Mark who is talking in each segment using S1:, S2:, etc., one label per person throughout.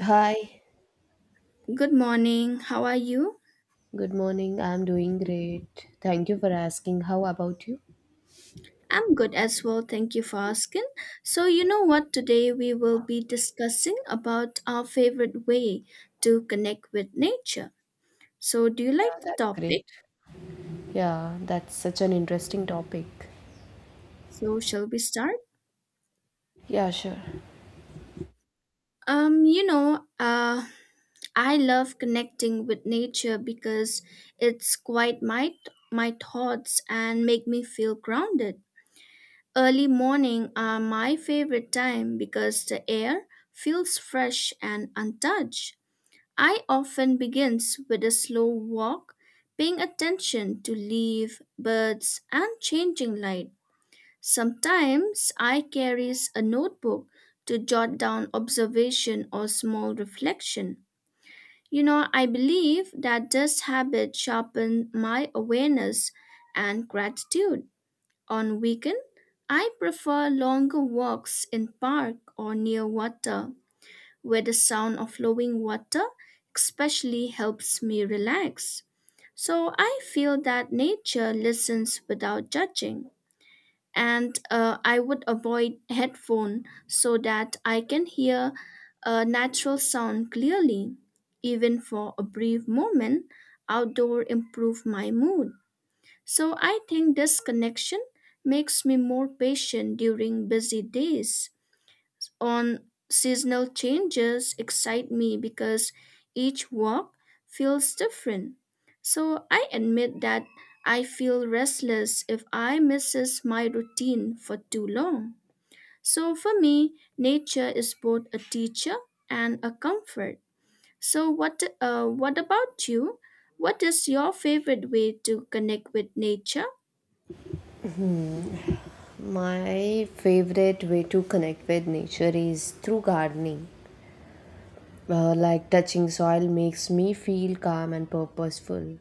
S1: Hi,
S2: Good morning. How are you?
S1: good morning. I'm doing great. Thank you for asking. How about you?
S2: I'm good as well. Thank you for asking. So, you know what? Today we will be discussing about our favorite way to connect with nature. So, do you like
S1: Yeah,
S2: the
S1: that's great.
S2: topic?
S1: Yeah, that's such an interesting topic.
S2: So, shall we start?
S1: Yeah, sure.
S2: Um, you know, uh, I love connecting with nature because it's quite my my thoughts and make me feel grounded. Early morning are my favorite time because the air feels fresh and untouched. I often begins with a slow walk, paying attention to leaf, birds, and changing light. Sometimes I carries a notebook to jot down observation or small reflection. You know, I believe that this habit sharpen my awareness and gratitude. On weekend, I prefer longer walks in park or near water where the sound of flowing water especially helps me relax. So I feel that nature listens without judging. And I would avoid headphone so that I can hear a natural sound clearly. Even for a brief moment, outdoor improve my mood. So I think this connection makes me more patient during busy days on seasonal changes excite me because each walk feels different. So I admit that I feel restless if I misses my routine for too long. So for me, nature is both a teacher and a comfort. So what about you? What is your favorite way to connect with nature?
S1: My favorite way to connect with nature is through gardening. Like touching soil makes me feel calm and purposeful.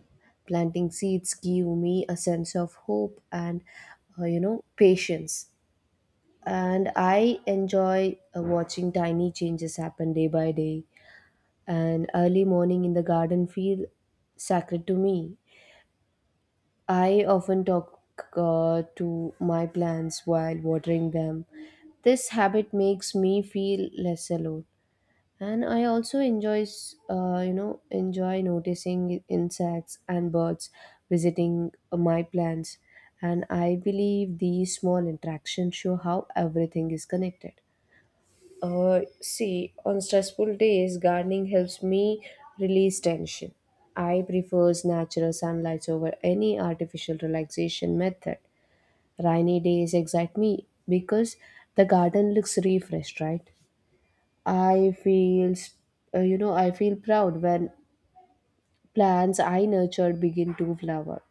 S1: Planting seeds give me a sense of hope and, patience. And I enjoy watching tiny changes happen day by day, and early morning in the garden feel sacred to me. I often talk to my plants while watering them. This habit makes me feel less alone. And I also enjoy noticing insects and birds visiting my plants. And I believe these small interactions show how everything is connected. See, on stressful days, gardening helps me release tension. I prefers natural sunlight over any artificial relaxation method. Rainy days excite me because the garden looks refreshed, right? I feel, s- you know, I feel proud when plants I nurtured begin to flower.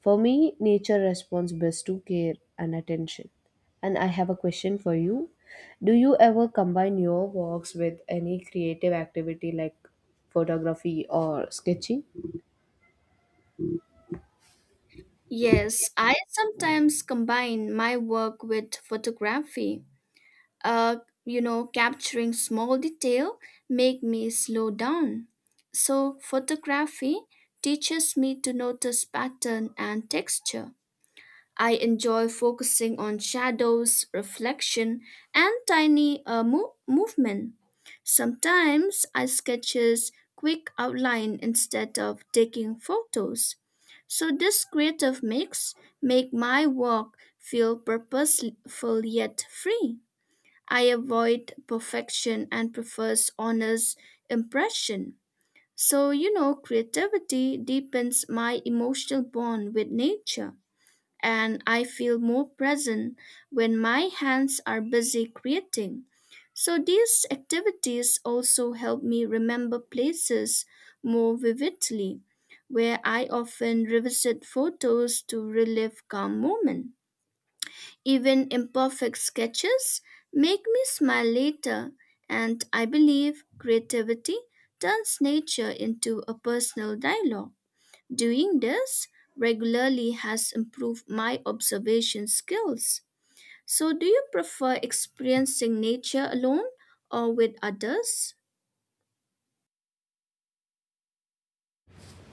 S1: For me, nature responds best to care and attention. And I have a question for you. Do you ever combine your walks with any creative activity like photography or sketching?
S2: Yes, I sometimes combine my work with photography. uh, you know, capturing small detail make me slow down. So photography teaches me to notice pattern and texture. I enjoy focusing on shadows, reflection, and tiny movement. Sometimes I sketches quick outline instead of taking photos. So this creative mix make my work feel purposeful yet free. I avoid perfection and prefers honest impression. So, you know, creativity deepens my emotional bond with nature, and I feel more present when my hands are busy creating. So, these activities also help me remember places more vividly, where I often revisit photos to relive calm moments. Even imperfect sketches make me smile later, and I believe creativity turns nature into a personal dialogue. Doing this regularly has improved my observation skills. So, do you prefer experiencing nature alone or with others?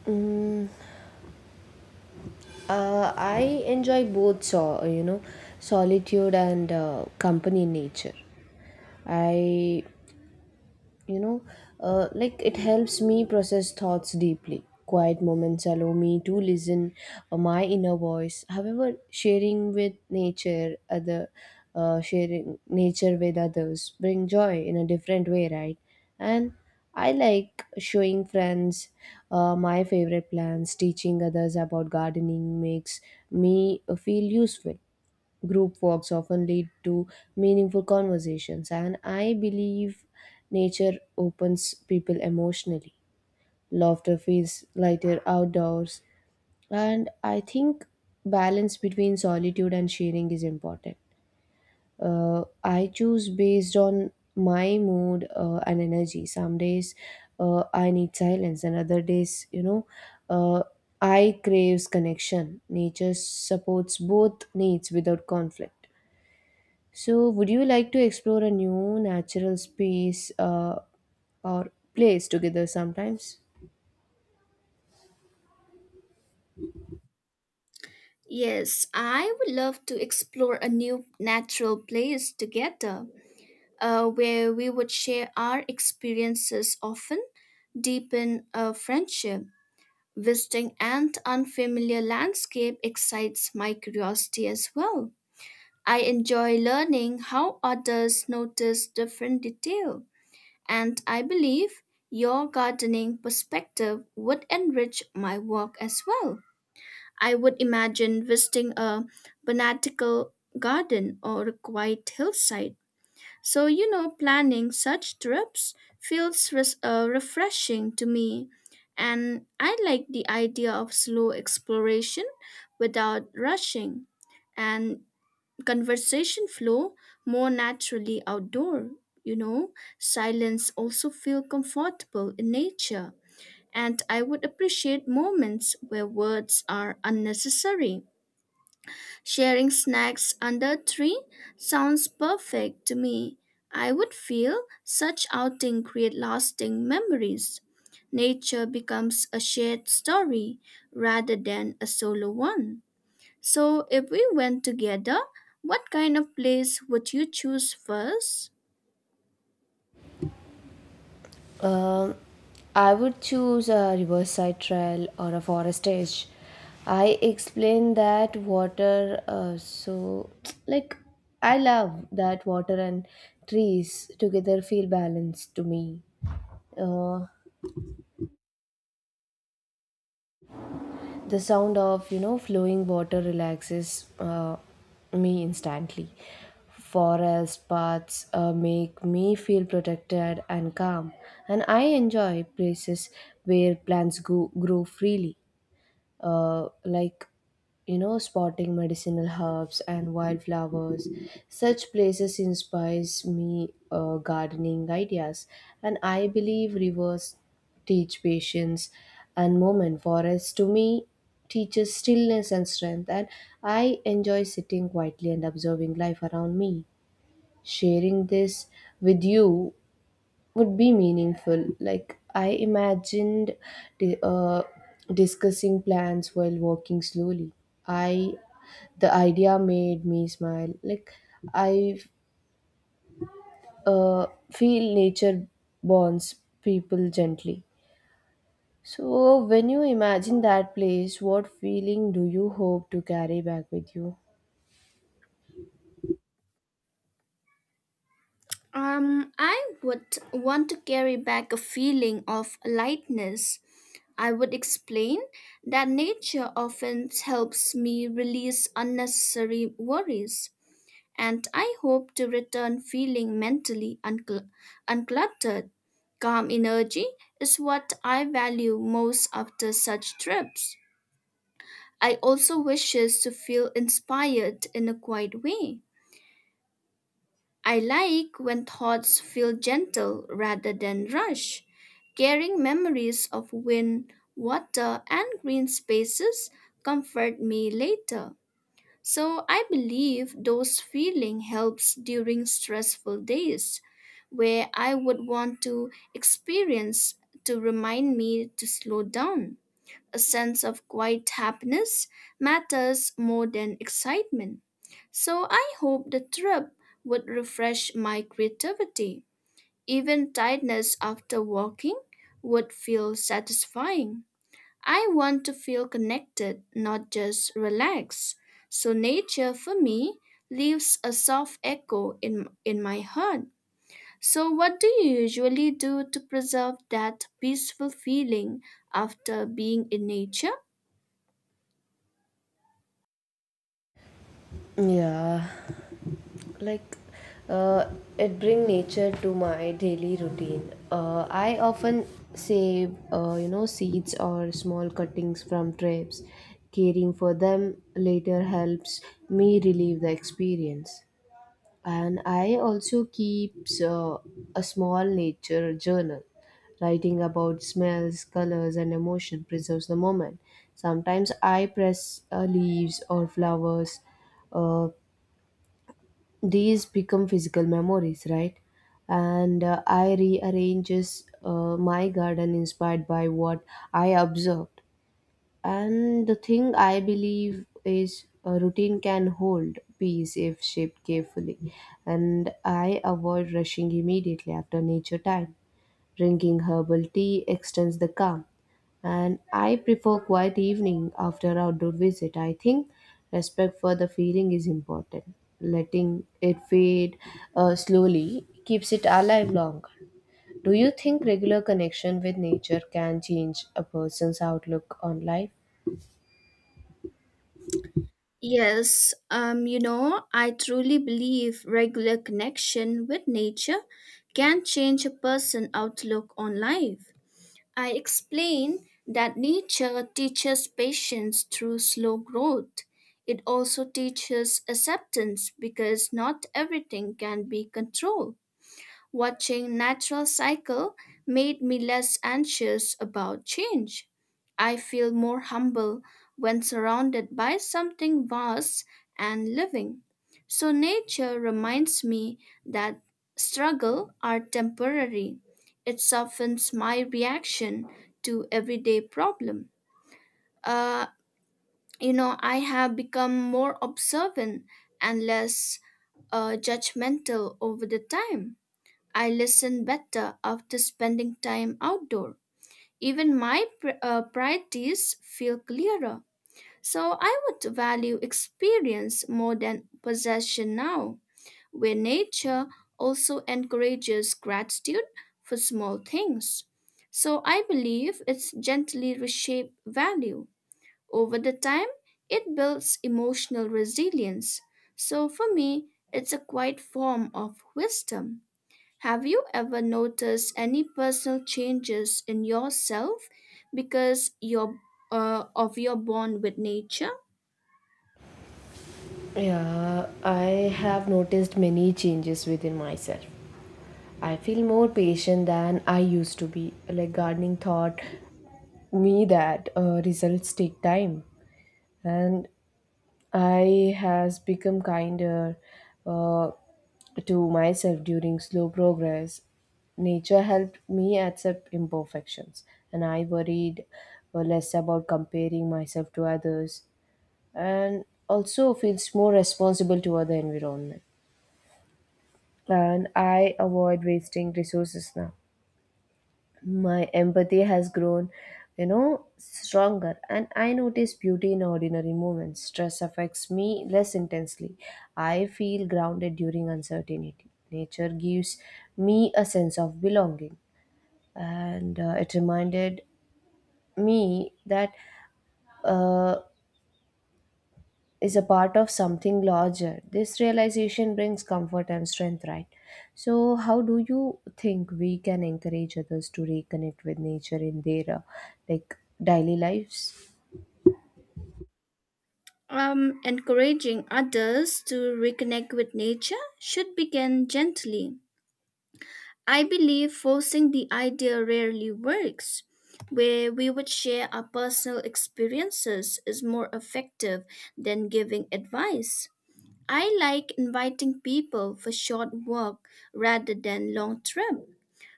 S1: Mm, I enjoy both, so, you know, solitude and company in nature. I you know like it helps me process thoughts deeply, quiet moments allow me to listen my inner voice. However, sharing nature with others bring joy in a different way, right? And I like showing friends my favorite plants. Teaching others about gardening makes me feel useful. Group walks often lead to meaningful conversations, and I believe nature opens people emotionally. Laughter feels lighter outdoors, and I think balance between solitude and sharing is important. I choose based on my mood and energy. Some days I need silence, and other days, uh, I craves connection. Nature supports both needs without conflict. So, would you like to explore a new natural space or place together sometimes?
S2: Yes, I would love to explore a new natural place together. Where we would share our experiences often, deepen a friendship. Visiting an unfamiliar landscape excites my curiosity as well. I enjoy learning how others notice different detail, and I believe your gardening perspective would enrich my work as well. I would imagine visiting a botanical garden or a quiet hillside so, you know, planning such trips feels refreshing to me, and I like the idea of slow exploration without rushing and conversation flow more naturally outdoor. You know, silence also feel comfortable in nature, and I would appreciate moments where words are unnecessary. Sharing snacks under tree sounds perfect to me. I would feel such outing create lasting memories. Nature becomes a shared story rather than a solo one. So if we went together, what kind of place would you choose first?
S1: Um, I would choose a riverside trail or a forest edge. I explain that water, so like I love that water and trees together feel balanced to me. Uh, The sound of, you know, flowing water relaxes me instantly. Forest paths make me feel protected and calm, and I enjoy places where grow freely like spotting medicinal herbs and wildflowers. Such places inspires me gardening ideas, and I believe rivers teach patience, and moment forests to me teaches stillness and strength. And I enjoy sitting quietly and observing life around me. Sharing this with you would be meaningful. Like I imagined di- uh, discussing plans while walking slowly. I The idea made me smile. Like I feel nature bonds people gently. So when you imagine that place, what feeling do you hope to carry back with you?
S2: I would want to carry back a feeling of lightness. I would explain that nature often helps me release unnecessary worries, and I hope to return feeling mentally uncluttered. Calm energy is what I value most after such trips. I also wishes to feel inspired in a quiet way I like when thoughts feel gentle rather than rush, carrying memories of wind, water, and green spaces comfort me later. So I believe those feeling helps during stressful days where I would want to experience to remind me to slow down a sense of quiet happiness matters more than excitement. So I hope the trip would refresh my creativity. Even tiredness after walking would feel satisfying. I want to feel connected, not just relaxed. So nature for me leaves a soft echo in my heart. So what do you usually do to preserve that peaceful feeling after being in nature?
S1: Yeah. Like, uh, it bring nature to my daily routine. I often save , you know, seeds or small cuttings from trips. Caring for them later helps me relieve the experience. And I also keeps a small nature journal. Writing about smells, colors and emotion preserves the moment. Sometimes I press leaves or flowers. uh, these become physical memories, right? And I rearranges my garden inspired by what I observed. And the thing I believe is a routine can hold peace if shaped carefully. And I avoid rushing immediately after nature time. Drinking herbal tea extends the calm, and I prefer quiet evening after outdoor visit. I think respect for the feeling is important. Letting it fade slowly keeps it alive longer. Do you think regular connection with nature can change a person's outlook on life?
S2: Yes, you know, I truly believe regular connection with nature can change a person's outlook on life. I explain that nature teaches patience through slow growth. It also teaches acceptance because not everything can be controlled. Watching natural cycle made me less anxious about change. I feel more humble when surrounded by something vast and living. So nature reminds me that struggle are temporary. It softens my reaction to everyday problem. Uh, you know, I have become more observant and less judgmental over the time. I listen better after spending time outdoor. Even my priorities feel clearer. So I would value experience more than possession now, where nature also encourages gratitude for small things. So I believe it's gently reshape value. Over the time, it builds emotional resilience. So for me, it's a quiet form of wisdom. Have you ever noticed any personal changes in yourself because of your bond with nature?
S1: Yeah, I have noticed many changes within myself. I feel more patient than I used to be. Like gardening taught me that results take time, and I has become kinder uh, to myself during slow progress. Nature helped me accept imperfections, and I worried less about comparing myself to others, and also feels more responsible toward the environment. And I avoid wasting resources now. My empathy has grown, you know, stronger, and I notice beauty in ordinary moments. Stress affects me less intensely. I feel grounded during uncertainty. Nature gives me a sense of belonging. And it reminded me that, uh, is a part of something larger. This realization brings comfort and strength, right? So, how do you think we can encourage others to reconnect with nature in their , like, daily lives?
S2: Encouraging others to reconnect with nature should begin gently. I believe forcing the idea rarely works. Where we would share our personal experiences is more effective than giving advice. I like inviting people for short walk rather than long trip.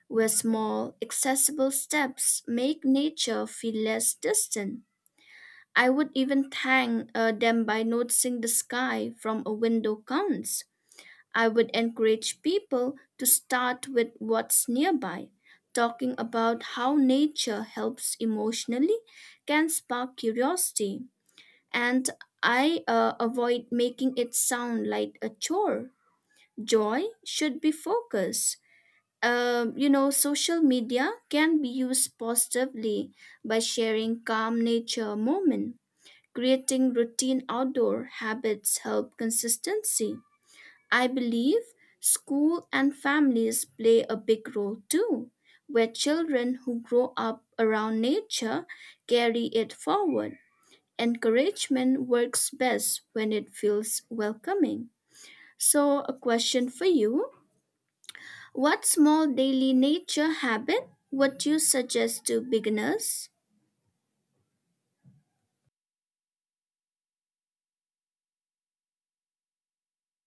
S2: Where small, accessible steps make nature feel less distant. I would even thank them by noticing the sky from a window counts. I would encourage people to start with what's nearby. Talking about how nature helps emotionally can spark curiosity, and I avoid making it sound like a chore. Joy should be focused you know, social media can be used positively by sharing calm nature moment. Creating routine outdoor habits help consistency. I believe school and families play a big role too, where children who grow up around nature carry it forward. Encouragement works best when it feels welcoming. So, a question for you what small daily nature habit would you suggest to beginners?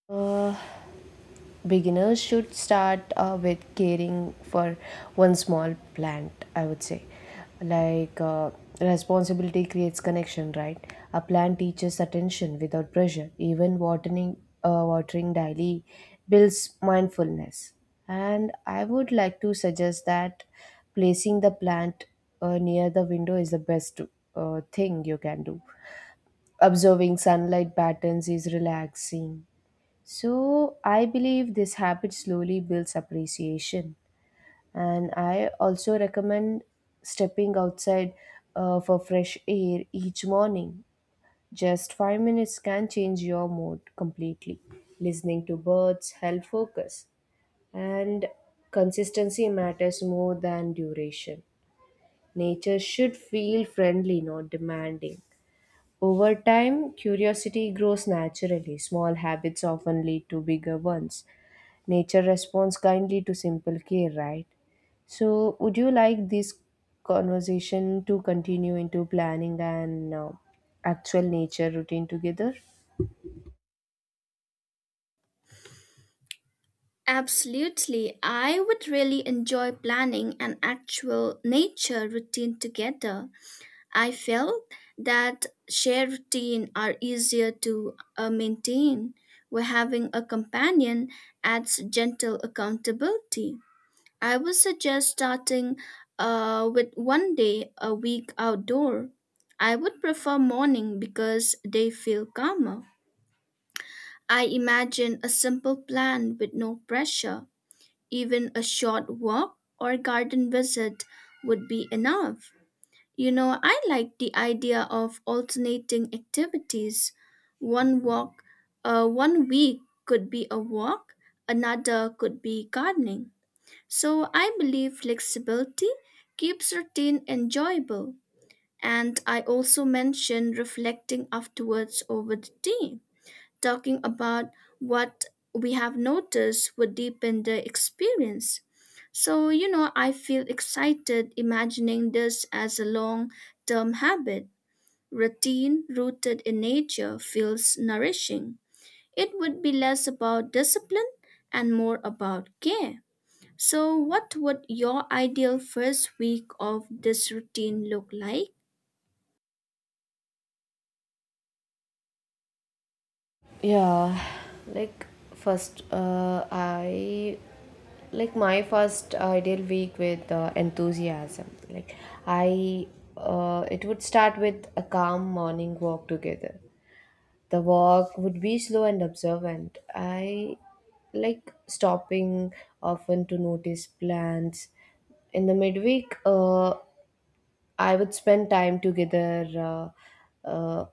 S1: Uh, beginners should start with caring for one small plant, I would say. Like, responsibility creates connection, right? A plant teaches attention without pressure. Even watering daily builds mindfulness. And I would like to suggest that placing the plant near the window is the best thing you can do. Observing sunlight patterns is relaxing. So I believe this habit slowly builds appreciation. And I also recommend stepping outside for fresh air each morning. Just 5 minutes can change your mood completely. Listening to birds help focus. And consistency matters more than duration. Nature should feel friendly, not demanding. Over time, curiosity grows naturally. Small habits often lead to bigger ones. Nature responds kindly to simple care, right? So, would you like this conversation to continue into planning and actual nature routine together?
S2: Absolutely. I would really enjoy planning an actual nature routine together. I felt that shared routine are easier to maintain, where having a companion adds gentle accountability. I would suggest starting with one day a week outdoor. I would prefer morning because they feel calmer. I imagine a simple plan with no pressure. Even a short walk or garden visit would be enough. You know, I like the idea of alternating activities. One walk, One week could be a walk, another could be gardening. So I believe flexibility keeps a routine enjoyable. And I also mentioned reflecting afterwards over the day, talking about what we have noticed would deepen the experience. So, you know, I feel excited imagining this as a long term habit. Routine rooted in nature feels nourishing. It would be less about discipline and more about care. So, what would your ideal first week of this routine look like?
S1: Yeah, like, first, I like my first ideal week with enthusiasm. I, it would start with a calm morning walk together. The walk would be slow and observant. I like stopping often to notice plants. In the midweek, I would spend time together uh, uh,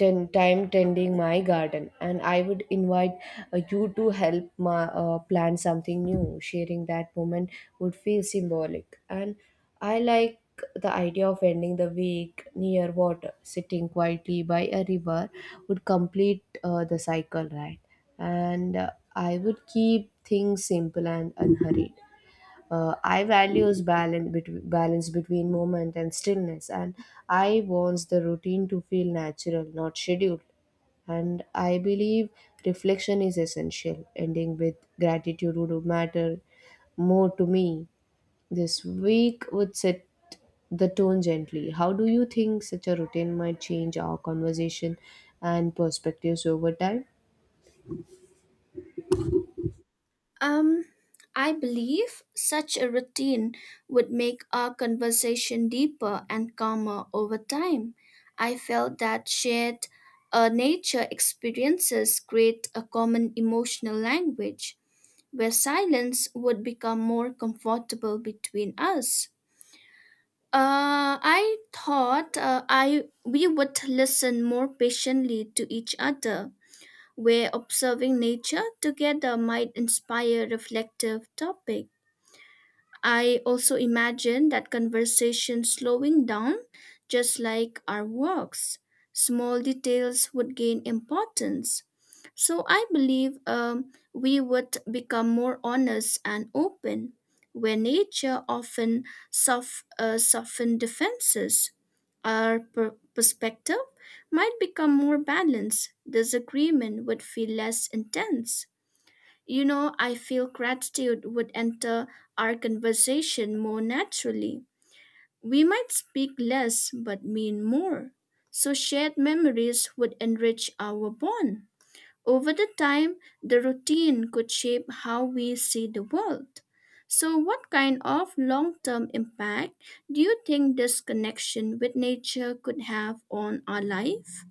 S1: ten time tending my garden, and I would invite you to help my plant something new. Sharing that moment would feel symbolic. And I like the idea of ending the week near water. Sitting quietly by a river would complete the cycle, right? And I would keep things simple and unhurried. I values balance between movement and stillness, and I wants the routine to feel natural, not scheduled. And I believe reflection is essential. Ending with gratitude would matter more to me. This week would set the tone gently. How do you think such a routine might change our conversation and perspectives over time?
S2: Um, I believe such a routine would make our conversation deeper and calmer over time. I felt that shared nature experiences create a common emotional language where silence would become more comfortable between us. I thought I we would listen more patiently to each other, where observing nature together might inspire reflective topics. I also imagine that conversation slowing down, just like our walks. Small details would gain importance. So I believe we would become more honest and open, where nature often soften defenses. Our perspective might become more balanced. Disagreement would feel less intense. You know, I feel gratitude would enter our conversation more naturally. We might speak less but mean more. So shared memories would enrich our bond. Over the time, the routine could shape how we see the world. So what kind of long-term impact do you think this connection with nature could have on our life?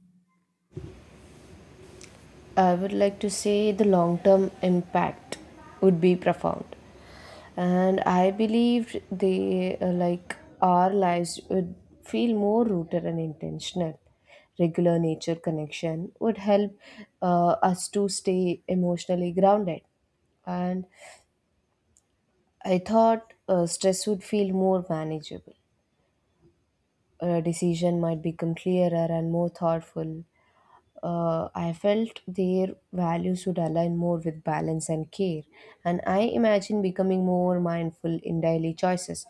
S1: I would like to say the long term impact would be profound. And I believe they like our lives would feel more rooted and intentional. Regular nature connection would help us to stay emotionally grounded. And I thought stress would feel more manageable. A decision might become clearer and more thoughtful. I felt their values would align more with balance and care. And I imagine becoming more mindful in daily choices.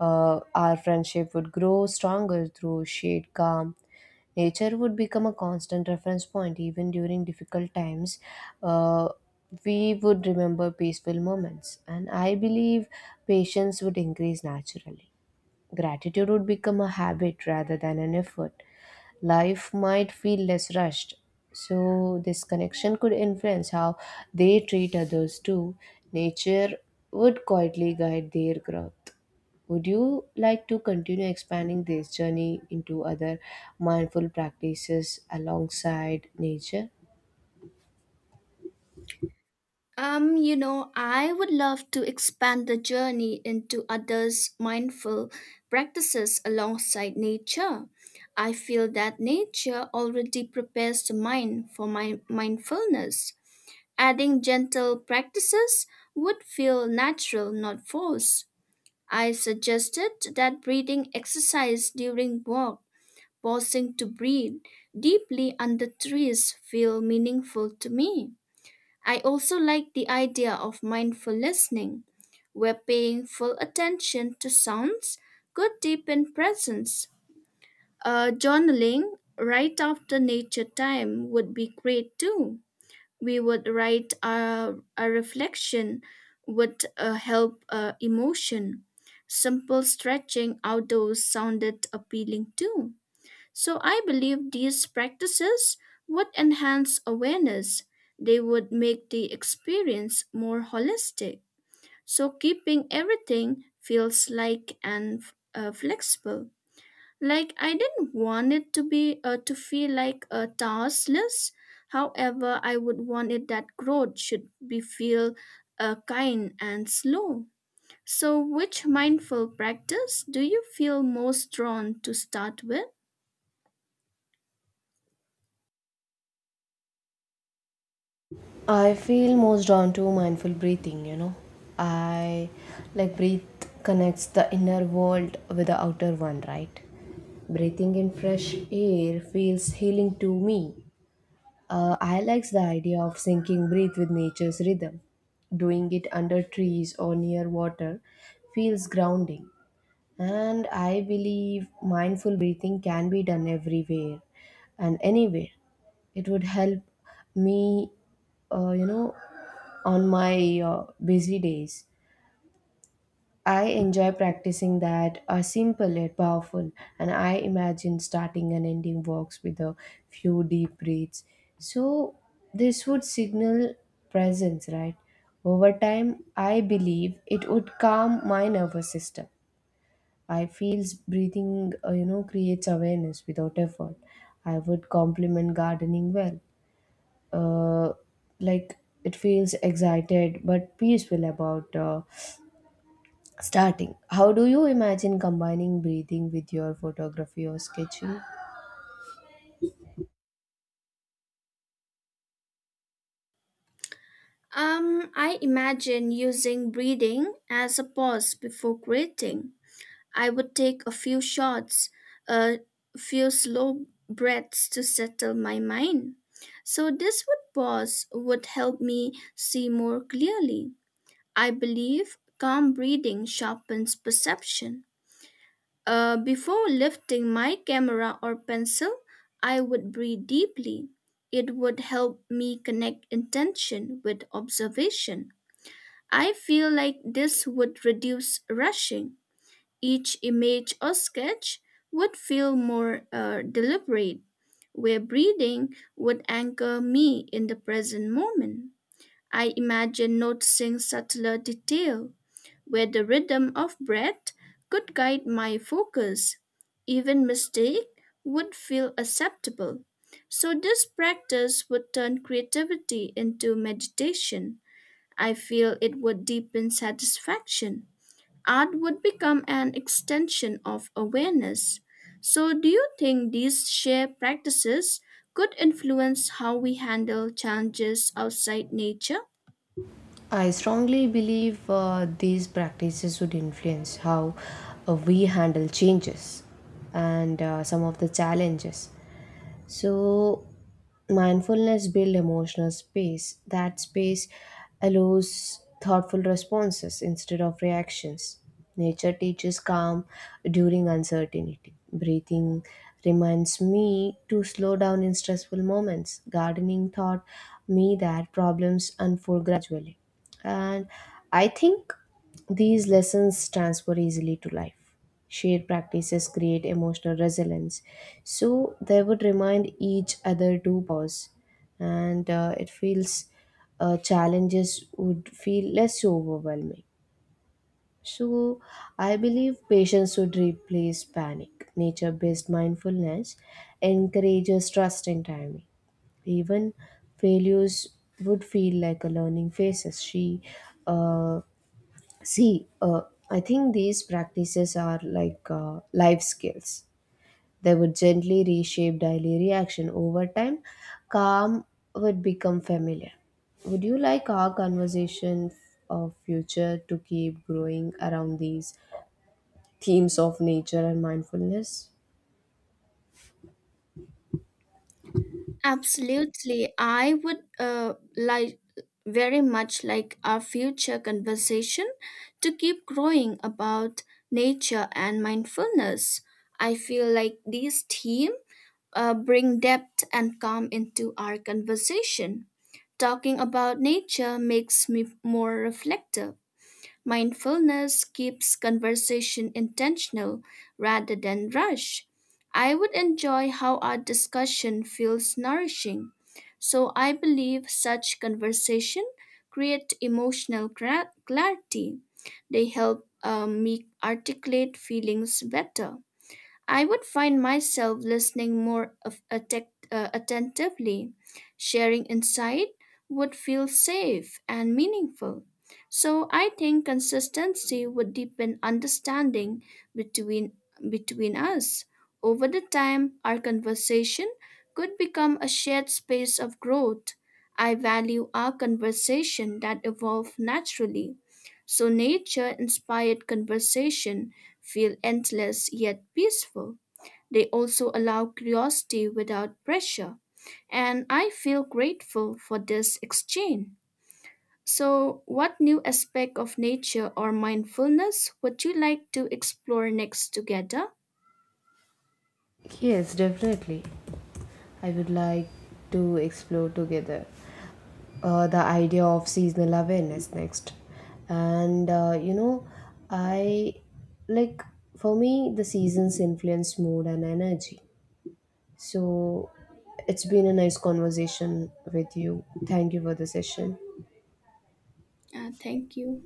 S1: Our friendship would grow stronger through shared calm. Nature would become a constant reference point even during difficult times. Uh, we would remember peaceful moments, and I believe patience would increase naturally. Gratitude would become a habit rather than an effort. Life might feel less rushed. So, this connection could influence how they treat others too. Nature would quietly guide their growth. Would you like to continue expanding this journey into other mindful practices alongside nature?
S2: You know, I would love to expand the journey into others' mindful practices alongside nature. I feel that nature already prepares the mind for my mindfulness. Adding gentle practices would feel natural, not forced. I suggested that breathing exercise during walk, pausing to breathe deeply under trees, feel meaningful to me. I also like the idea of mindful listening, where paying full attention to sounds could deepen presence. Journaling right after nature time would be great too. We would write our reflection would help emotion. Simple stretching outdoors sounded appealing too. So I believe these practices would enhance awareness. They would make the experience more holistic. So keeping everything feels like and flexible. Like I didn't want it to be to feel like a task list. However, I would want it that growth should be feel kind and slow. So, which mindful practice do you feel most drawn to start with?
S1: I feel most drawn to mindful breathing, you know. I like breathe connects the inner world with the outer one, right? Breathing in fresh air feels healing to me. I likes the idea of syncing breathe with nature's rhythm. Doing it under trees or near water feels grounding. And I believe mindful breathing can be done everywhere and anywhere. It would help me, uh, you know, on my busy days. I enjoy practicing that are simple yet powerful, and I imagine starting and ending walks with a few deep breaths. So, this would signal presence, right? Over time, I believe it would calm my nervous system. I feel breathing, creates awareness without effort. I would compliment gardening well. Uh, like, it feels excited but peaceful about starting. How do you imagine combining breathing with your photography or sketching?
S2: I imagine using breathing as a pause before creating. I would take a few shots, a few slow breaths to settle my mind. So, this would pause would help me see more clearly. I believe calm breathing sharpens perception. Before lifting my camera or pencil, I would breathe deeply. It would help me connect intention with observation I feel like this would reduce rushing. Each image or sketch would feel more deliberate, where breathing would anchor me in the present moment. I imagine noticing subtler detail, where the rhythm of breath could guide my focus. Even mistake would feel acceptable. So this practice would turn creativity into meditation. I feel it would deepen satisfaction. Art would become an extension of awareness. So, do you think these shared practices could influence how we handle challenges outside nature?
S1: I strongly believe these practices would influence how we handle changes and some of the challenges. So, mindfulness builds emotional space. That space allows thoughtful responses instead of reactions. Nature teaches calm during uncertainty. Breathing reminds me to slow down in stressful moments. Gardening taught me that problems unfold gradually. And I think these lessons transfer easily to life. Shared practices create emotional resilience. So they would remind each other to pause. And it feels challenges would feel less overwhelming. So, I believe patience should replace panic. Nature based mindfulness encourages trust in timing. Even failures would feel like a learning phases. Uh, see, I think these practices are like life skills. They would gently reshape daily reaction over time. Calm would become familiar. Would you like our conversation of future to keep growing around these themes of nature and mindfulness?
S2: Absolutely. I would very much like our future conversation to keep growing about nature and mindfulness. I feel like these themes bring depth and calm into our conversation. Talking about nature makes me more reflective. Mindfulness keeps conversation intentional rather than rush. I would enjoy how our discussion feels nourishing. So I believe such conversation create emotional clarity. They help me articulate feelings better. I would find myself listening more of attentively. Sharing insight would feel safe and meaningful. So I think consistency would deepen understanding between between us. Over the time, our conversation could become a shared space of growth. I value our conversation that evolve naturally. So nature inspired conversation feel endless yet peaceful. They also allow curiosity without pressure, and I feel grateful for this exchange. So, what new aspect of nature or mindfulness would you like to explore next together?
S1: Yes, definitely. I would like to explore together the idea of seasonal awareness next. And I like for me, the seasons influence mood and energy. So it's been a nice conversation with you. Thank you for the session.
S2: Thank you.